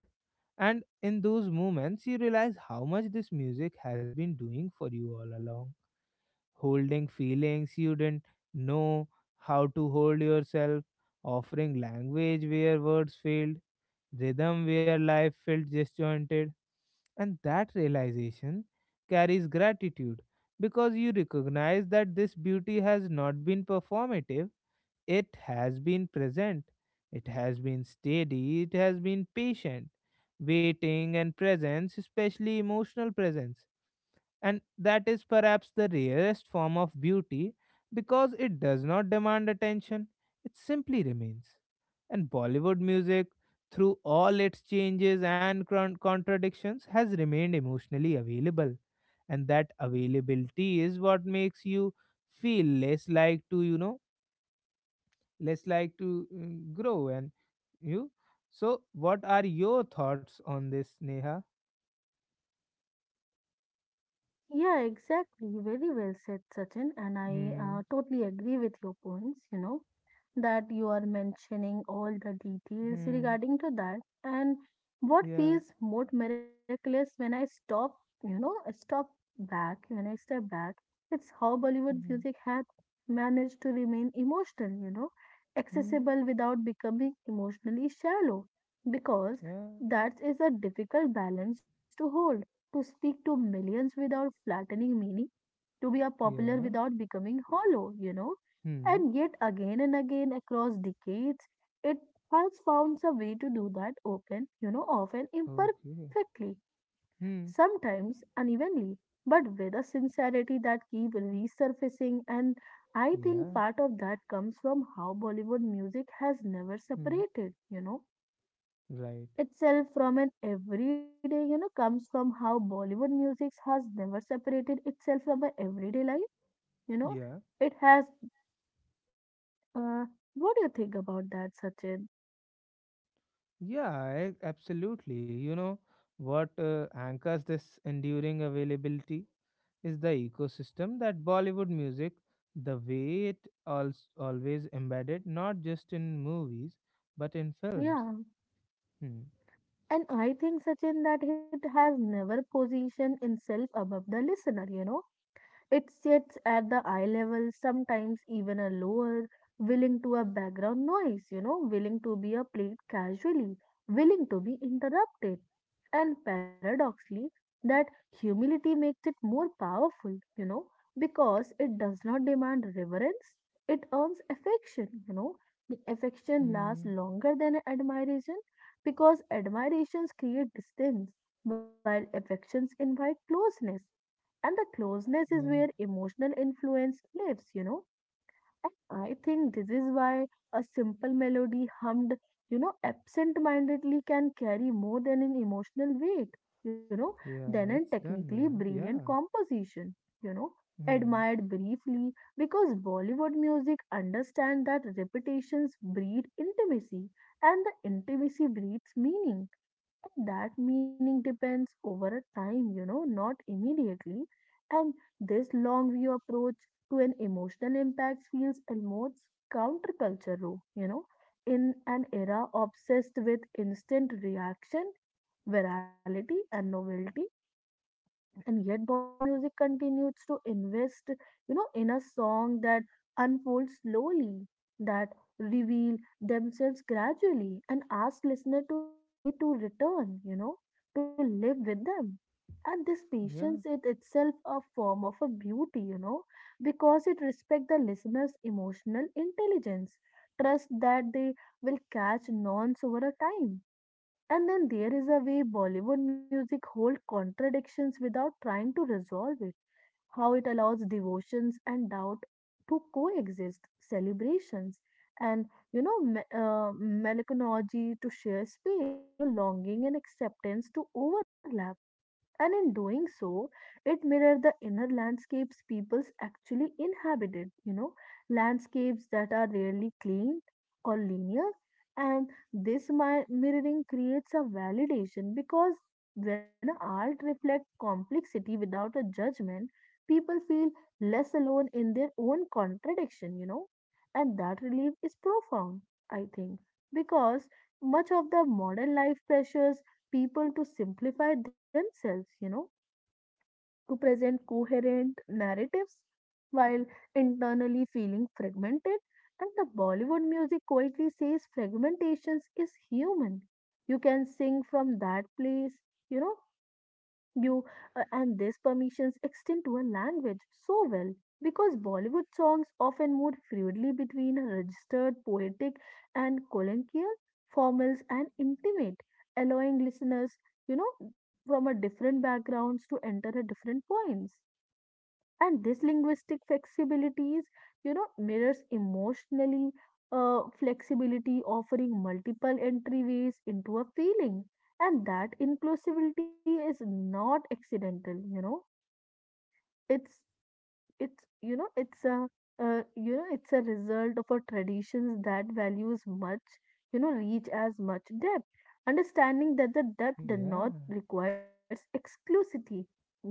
Speaker 1: And in those moments, you realize how much this music has been doing for you all along, holding feelings you didn't know how to hold yourself, offering language where words failed, rhythm where life felt disjointed. And that realization carries gratitude because you recognize that this beauty has not been performative, it has been present, it has been steady, it has been patient, waiting and presence, especially emotional presence. And that is perhaps the rarest form of beauty because it does not demand attention, it simply remains. And Bollywood music, through all its changes and contradictions, has remained emotionally available. And that availability is what makes you feel less like to, you know, less like to grow and you. So what are your thoughts on this, Neha?
Speaker 2: Yeah, exactly. Very well said, Sachin. And I
Speaker 1: Hmm.
Speaker 2: totally agree with your points, you know, that you are mentioning all the details
Speaker 1: Hmm.
Speaker 2: regarding to that. And what
Speaker 1: Yeah.
Speaker 2: feels more miraculous when I stop, you know, I stop back, when I step back, it's how Bollywood
Speaker 1: Hmm.
Speaker 2: music had managed to remain emotional, you know,
Speaker 1: Hmm.
Speaker 2: accessible without becoming emotionally shallow, because
Speaker 1: Yeah.
Speaker 2: that is a difficult balance to hold, to speak to millions without flattening meaning, to be a popular
Speaker 1: Yeah.
Speaker 2: without becoming hollow, you know.
Speaker 1: Hmm.
Speaker 2: And yet, again and again across decades, it has found a way to do that open, you know, often
Speaker 1: Okay.
Speaker 2: imperfectly,
Speaker 1: Hmm.
Speaker 2: sometimes unevenly, but with a sincerity that keeps resurfacing. And I think
Speaker 1: Yeah.
Speaker 2: part of that comes from how Bollywood music has never
Speaker 1: Hmm.
Speaker 2: separated, you know
Speaker 1: Right.
Speaker 2: itself from an everyday, you know, comes from how Bollywood music has never separated itself from our everyday life. You know,
Speaker 1: Yeah.
Speaker 2: it has. Uh, what do you think about that, Sachin?
Speaker 1: Yeah, I absolutely, you know, what anchors this enduring availability is the ecosystem that Bollywood music, the way it always embedded, not just in movies, but in films.
Speaker 2: Yeah,
Speaker 1: Hmm.
Speaker 2: and I think, Sachin, that it has never positioned itself above the listener. You know, it sits at the eye level, sometimes even a lower, willing to a background noise, you know, willing to be a played casually, willing to be interrupted. And paradoxically, that humility makes it more powerful, you know, because it does not demand reverence, it earns affection, you know. The affection lasts
Speaker 1: Hmm.
Speaker 2: longer than admiration because admirations create distance, while affections invite closeness and the closeness is where
Speaker 1: Yeah.
Speaker 2: emotional influence lives, you know. And I think this is why a simple melody hummed, you know, absent mindedly, can carry more than an emotional weight, you know, than a
Speaker 1: Yeah. It's
Speaker 2: technically
Speaker 1: done. Yeah.
Speaker 2: brilliant
Speaker 1: Yeah.
Speaker 2: composition, you know,
Speaker 1: Hmm.
Speaker 2: admired briefly, because Bollywood music understands that repetitions breed intimacy and the intimacy breeds meaning, that meaning depends over a time, you know, not immediately. And this long view approach to an emotional impact feels almost countercultural, you know, in an era obsessed with instant reaction, virality, and novelty. And yet Bollywood music continues to invest, you know, in a song that unfolds slowly, that reveal themselves gradually and ask listener to stay to return, you know, to live with them. And this patience
Speaker 1: Yeah.
Speaker 2: is itself a form of a beauty, you know, because it respects the listener's emotional intelligence, trust that they will catch nuance over a time. And then there is a way Bollywood music holds contradictions without trying to resolve it. How it allows devotions and doubt to coexist, celebrations and melancholy to share space, you know, longing and acceptance to overlap, and in doing so, it mirrored the inner landscapes peoples actually inhabited, you know, landscapes that are rarely clean or linear. And this mirroring creates a validation because when art reflects complexity without a judgment, people feel less alone in their own contradiction, you know, and that relief is profound, I think, because much of the modern life pressures people to simplify themselves, you know, to present coherent narratives while internally feeling fragmented. And the Bollywood music quietly says fragmentations is human. You can sing from that place, you know, you and these permissions extend to a language so well because Bollywood songs often move fluidly between registered, poetic, and colloquial, formals, and intimate, allowing listeners, you know, from a different backgrounds to enter at different points. And this linguistic flexibilities, you know, mirrors emotionally flexibility, offering multiple entryways into a feeling. And that inclusivity is not accidental, you know, it's it's you know it's a you know it's a result of a traditions that values much, you know, reach as much depth, understanding that the depth does
Speaker 1: Yeah.
Speaker 2: not requires exclusivity, you know.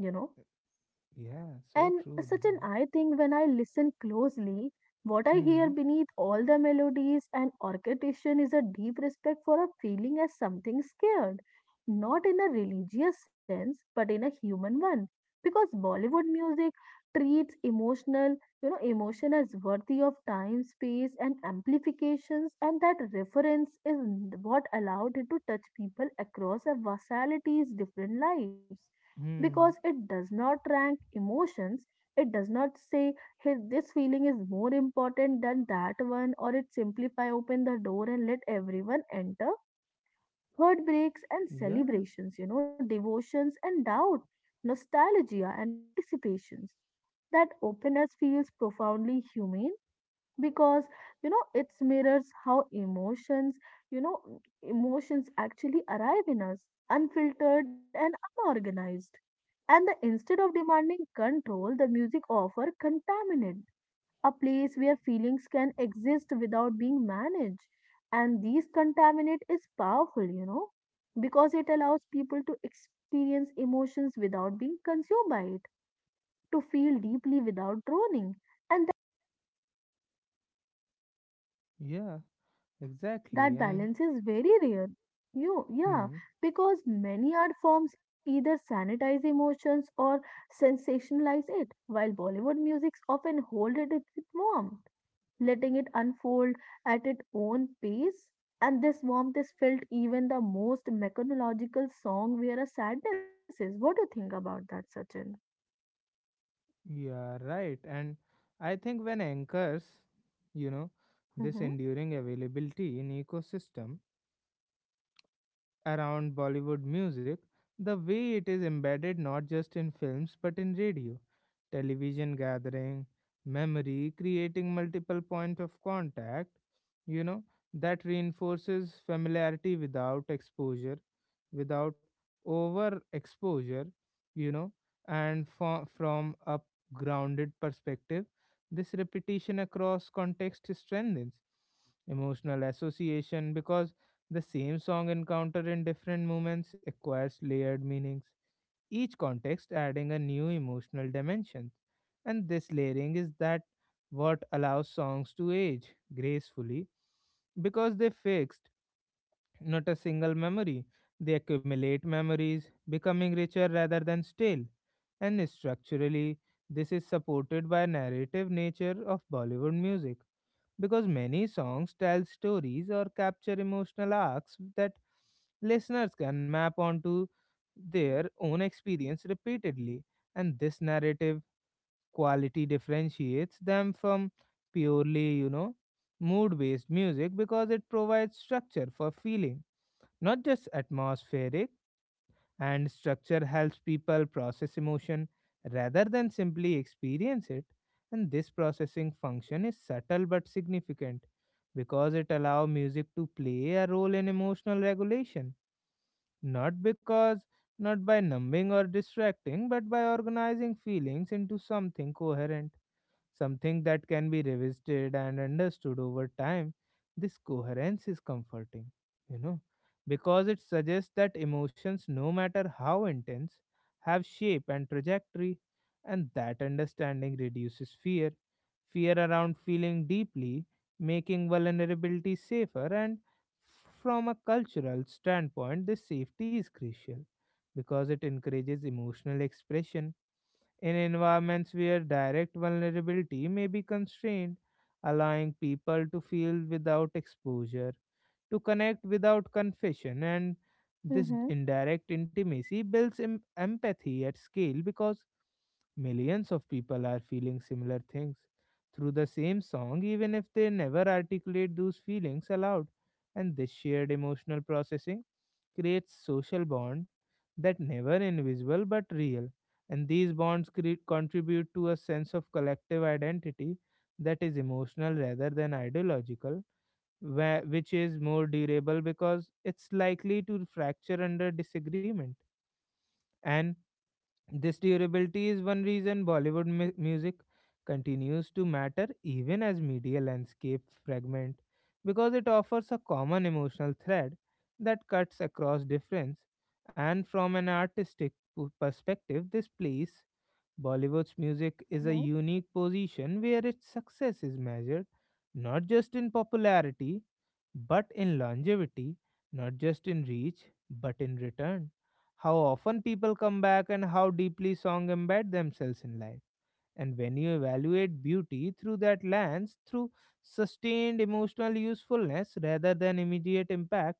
Speaker 1: Yeah.
Speaker 2: And
Speaker 1: So true.
Speaker 2: Sachin, I
Speaker 1: Yeah.
Speaker 2: think when I listen closely, what I hear
Speaker 1: Hmm.
Speaker 2: beneath all the melodies and orchestration is a deep respect for a feeling as something scared, not in a religious sense, but in a human one. Because Bollywood music treats emotion as worthy of time, space, and amplifications, and that reference is what allowed it to touch people across a vasality's different lives because
Speaker 1: Hmm.
Speaker 2: it does not rank emotions. It does not say, "Hey, this feeling is more important than that one," or it simplify open the door and let everyone enter. Heartbreaks and
Speaker 1: Yeah.
Speaker 2: celebrations, you know, devotions and doubt, nostalgia and anticipations. That openness feels profoundly humane because, you know, it mirrors how emotions you know emotions actually arrive in us, unfiltered and unorganized, and the, instead of demanding control, the music offer contaminant, a place where feelings can exist without being managed. And these contaminant is powerful, you know, because it allows people to experience emotions without being consumed by it, to feel deeply without droning. And
Speaker 1: Yeah, exactly.
Speaker 2: that
Speaker 1: And
Speaker 2: balance is very rare. You, yeah,
Speaker 1: hmm.
Speaker 2: because many art forms either sanitize emotions or sensationalize it, while Bollywood musics often hold it with warmth, letting it unfold at its own pace. And this warmth is felt even the most mechanological song where a sadness is. What do you think about that, Sachin?
Speaker 1: Yeah. Right. And I think when anchors, you know,
Speaker 2: Mm-hmm.
Speaker 1: this enduring availability in ecosystem around Bollywood music, the way it is embedded not just in films but in radio, television gathering, memory, creating multiple point of contact, you know, that reinforces familiarity without exposure, without overexposure, you know, and from a grounded perspective, this repetition across context strengthens emotional association because the same song encountered in different moments acquires layered meanings, each context adding a new emotional dimension. And this layering is that what allows songs to age gracefully because they fixed not a single memory. They accumulate memories, becoming richer rather than stale. And structurally, this is supported by narrative nature of Bollywood music because many songs tell stories or capture emotional arcs that listeners can map onto their own experience repeatedly, and this narrative quality differentiates them from purely, mood based music because it provides structure for feeling, not just atmospheric, and structure helps people process emotion rather than simply experience it. And this processing function is subtle but significant because it allows music to play a role in emotional regulation, not because, not by numbing or distracting, but by organizing feelings into something coherent, something that can be revisited and understood over time. This coherence is comforting, you know, because it suggests that emotions, no matter how intense, have shape and trajectory, and that understanding reduces fear. Fear around feeling deeply, making vulnerability safer. And from a cultural standpoint, this safety is crucial because it encourages emotional expression in environments where direct vulnerability may be constrained, allowing people to feel without exposure, to connect without confession. And this
Speaker 2: Mm-hmm.
Speaker 1: indirect intimacy builds empathy at scale because millions of people are feeling similar things through the same song, even if they never articulate those feelings aloud. And this shared emotional processing creates social bond that never invisible but real, and these bonds contribute to a sense of collective identity that is emotional rather than ideological, where, which is more durable because it's likely to fracture under disagreement. And this durability is one reason Bollywood music continues to matter even as media landscape fragment, because it offers a common emotional thread that cuts across difference. And from an artistic perspective, this plays Bollywood's music is
Speaker 2: Mm-hmm.
Speaker 1: a unique position where its success is measured not just in popularity but in longevity, not just in reach but in return. How often people come back and how deeply songs embed themselves in life. And when you evaluate beauty through that lens, through sustained emotional usefulness rather than immediate impact,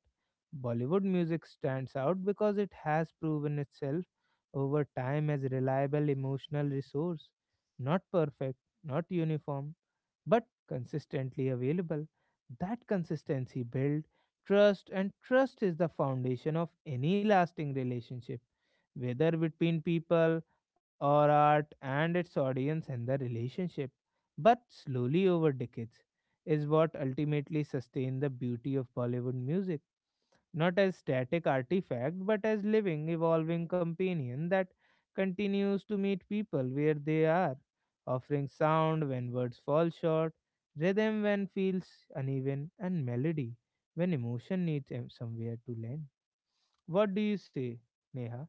Speaker 1: Bollywood music stands out because it has proven itself over time as a reliable emotional resource. Not perfect, not uniform, but consistently available. That consistency builds trust, and trust is the foundation of any lasting relationship, whether between people or art and its audience, and the relationship, but slowly over decades, is what ultimately sustain the beauty of Bollywood music, not as static artifact, but as living, evolving companion that continues to meet people where they are, offering sound when words fall short, rhythm when feels uneven, and melody when emotion needs somewhere to land. What do you say, Neha?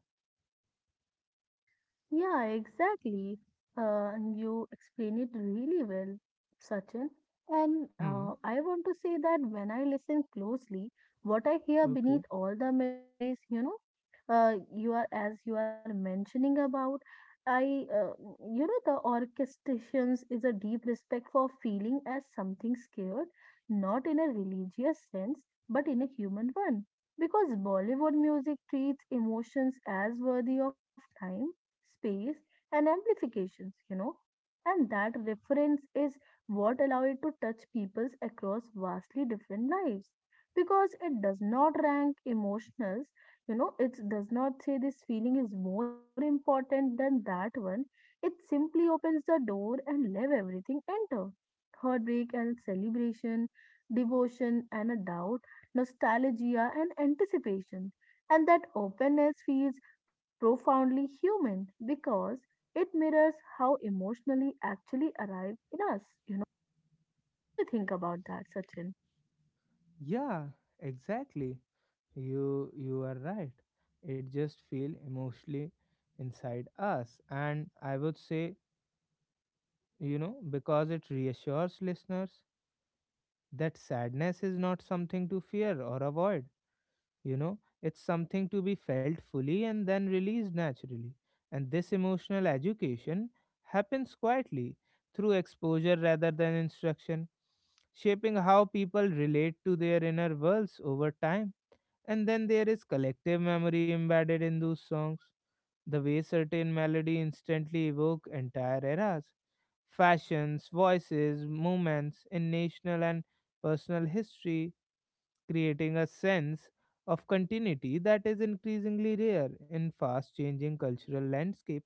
Speaker 2: Yeah, exactly. And you explain it really well, Sachin. And
Speaker 1: Hmm.
Speaker 2: I want to say that when I listen closely, what I hear beneath
Speaker 1: Okay.
Speaker 2: all the melodies, you know, you are as you are mentioning about, I, uh, you know, the orchestrations is a deep respect for feeling as something scared, not in a religious sense, but in a human one. Because Bollywood music treats emotions as worthy of time space and amplifications, And that reference is what allow it to touch peoples across vastly different lives. Because it does not rank emotionals, it does not say this feeling is more important than that one. It simply opens the door and let everything enter. Heartbreak and celebration, devotion and a doubt, nostalgia and anticipation and that openness feels profoundly human because it mirrors how emotionally actually arrive in us. You know, what do you think about that, Sachin?
Speaker 1: Yeah, exactly. You are right, it just feel emotionally inside us, and I would say, because it reassures listeners that sadness is not something to fear or avoid. It's something to be felt fully and then released naturally. And this emotional education happens quietly through exposure rather than instruction, shaping how people relate to their inner worlds over time. And then there is collective memory embedded in those songs, the way certain melody instantly evoke entire eras, fashions, voices, movements in national and personal history, creating a sense of continuity that is increasingly rare in fast changing cultural landscapes.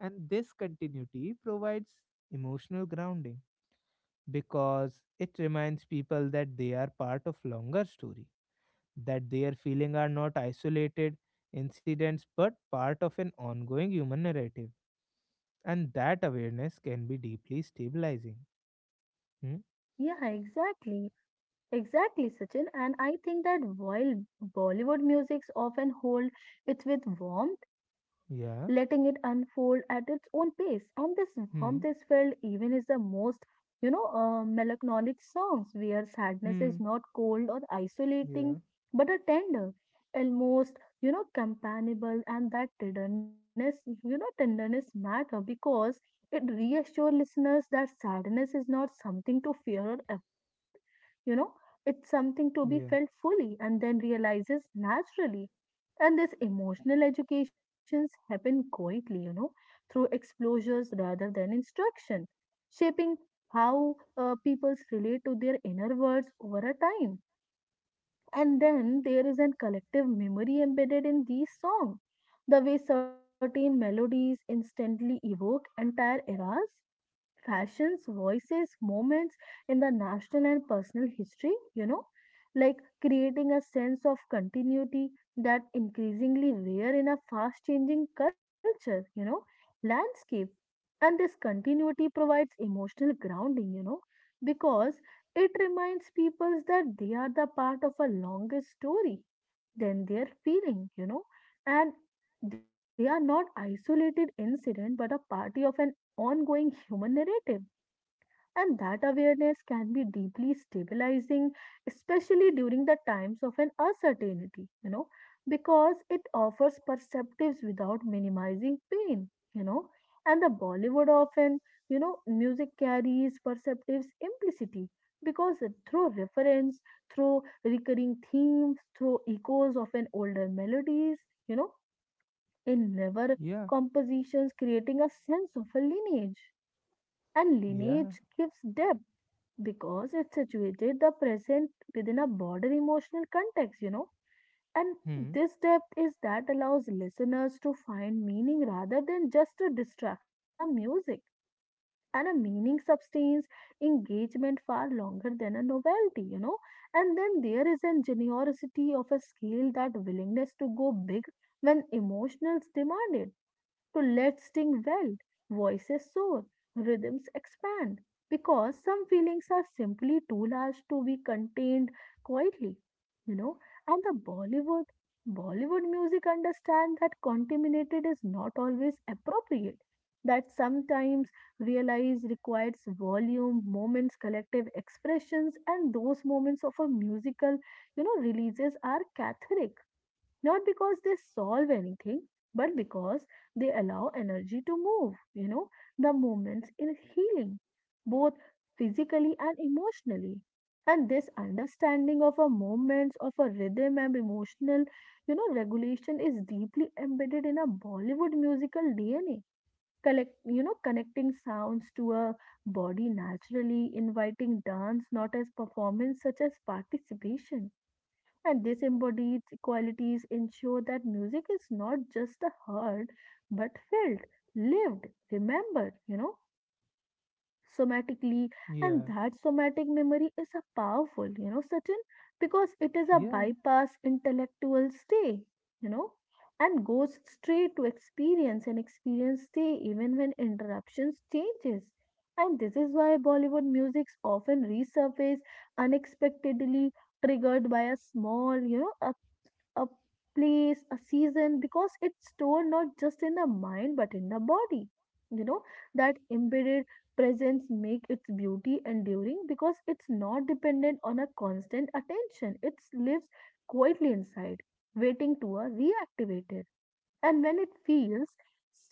Speaker 1: And this continuity provides emotional grounding because it reminds people that they are part of longer story, that their feelings are not isolated incidents but part of an ongoing human narrative. And that awareness can be deeply stabilizing. Hmm?
Speaker 2: Yeah, exactly. Exactly, Sachin. And I think that while Bollywood musics often hold it with warmth, letting it
Speaker 1: Yeah.
Speaker 2: unfold at its own pace, and this warmth is
Speaker 1: Hmm.
Speaker 2: felt even is the most, melancholic songs where sadness is
Speaker 1: Hmm.
Speaker 2: not cold or
Speaker 1: Yeah.
Speaker 2: isolating, but a tender, almost, companionable, and that tenderness, tenderness matter because it reassures listeners that sadness is not something to fear or avoid. You know, it's something to be
Speaker 1: Yeah.
Speaker 2: felt fully and then realizes naturally. And these emotional educations happen quietly, through exposures rather than instruction, shaping how peoples relate to their inner words over a time. And then there is a collective memory embedded in these songs, the way certain melodies instantly evoke entire eras fashions, voices, moments in the national and personal history, like creating a sense of continuity that increasingly rare in a fast changing culture, landscape. And this continuity provides emotional grounding, because it reminds people that they are the part of a longer story than their feeling, and they are not isolated incident but a party of an ongoing human narrative. And that awareness can be deeply stabilizing, especially during the times of an uncertainty, because it offers perspectives without minimizing pain, you know. And the Bollywood often, music carries perceptives implicity because through reference, through recurring themes, through echoes of an older melodies, you know, in never
Speaker 1: Yeah.
Speaker 2: compositions creating a sense of a lineage and
Speaker 1: Yeah.
Speaker 2: lineage gives depth because it situated the present within a broader emotional context, And
Speaker 1: Hmm.
Speaker 2: this depth is that allows listeners to find meaning rather than just a distraction in a music. And a meaning sustains engagement far longer than a novelty, And then there is an generosity of a scale that willingness to go big when emotions demand it so let's sing well, voices soar, rhythms expand, because some feelings are simply too large to be contained quietly, you know. And the Bollywood music understand that contaminated is not always appropriate, that sometimes realize requires volume, moments, collective expressions, and those moments of a musical, releases are cathartic not because they solve anything, but because they allow energy to move. The movements in healing, both physically and emotionally. And this understanding of a movements, of a rhythm and emotional, regulation is deeply embedded in a Bollywood musical DNA. Collect, connecting sounds to a body naturally, inviting dance not as performance, such as participation and these embodied qualities ensure that music is not just heard but felt, lived, remembered, somatically. And
Speaker 1: Yeah.
Speaker 2: that somatic memory is a powerful, certain because it is a
Speaker 1: Yeah.
Speaker 2: bypass intellectual stay, you know, and goes straight to experience and experience stay even when interruptions changes. And this is why Bollywood musics often resurface unexpectedly triggered by a small, a place, a season, because it's stored not just in the mind but in the body. You know, that embedded presence make its beauty enduring because it's not dependent on a constant attention. It lives quietly inside, waiting to be reactivated. And when it feels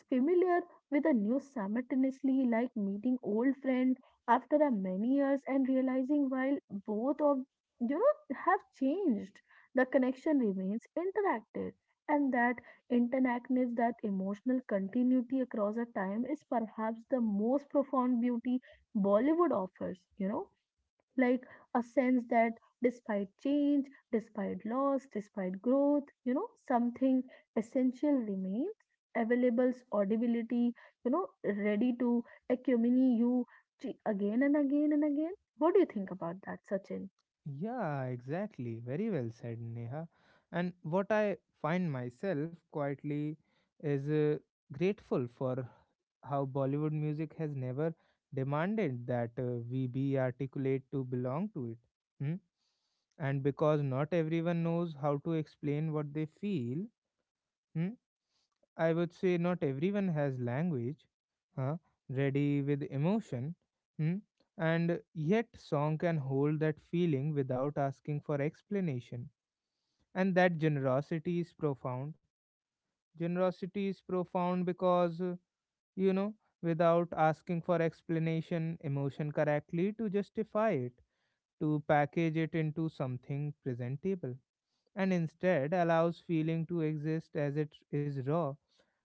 Speaker 2: familiar with a new simultaneously like meeting old friend after a many years and realizing while both of have changed, the connection remains interactive. And that interactiveness, that emotional continuity across a time is perhaps the most profound beauty Bollywood offers, like a sense that despite change, despite loss, despite growth, something essential remains availables audibility, you know, ready to accompany you again and again and again. What do you think about that, Sachin?
Speaker 1: Yeah, exactly. Very well said, Neha. And what I find myself quietly is grateful for how Bollywood music has never demanded that we be articulate to belong to it. Hmm? And because not everyone knows how to explain what they feel, hmm? I would say not everyone has language, huh, ready with emotion, hmm, and yet song can hold that feeling without asking for explanation. And that generosity is profound. Generosity is profound because, you know, without asking for explanation, emotion correctly to justify it, to package it into something presentable, and instead allows feeling to exist as it is, raw,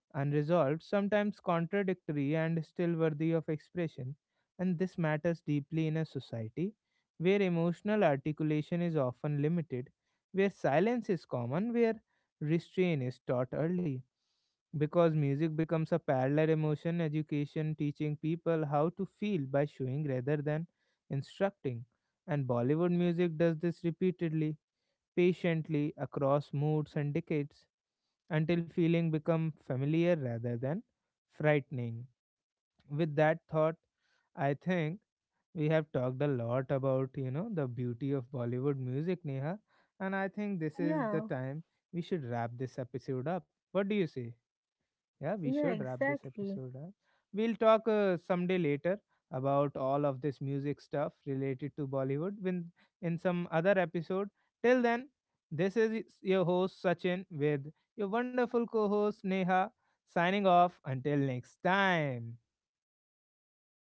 Speaker 1: unresolved, sometimes contradictory, and still worthy of expression. And this matters deeply in a society where emotional articulation is often limited, where silence is common, where restraint is taught early. Because music becomes a parallel emotion, education teaching people how to feel by showing rather than instructing. And Bollywood music does this repeatedly, patiently, across moods and decades until feeling become familiar rather than frightening. With that thought, I think we have talked a lot about, the beauty of Bollywood music, Neha, and I think this is the
Speaker 2: Yeah,
Speaker 1: time we should wrap this episode up. What do you say? Yeah, we
Speaker 2: yeah,
Speaker 1: should wrap this
Speaker 2: exactly.
Speaker 1: episode up. We'll talk someday later about all of this music stuff related to Bollywood when in some other episode. Till then, this is your host Sachin with your wonderful co-host Neha signing off until next time.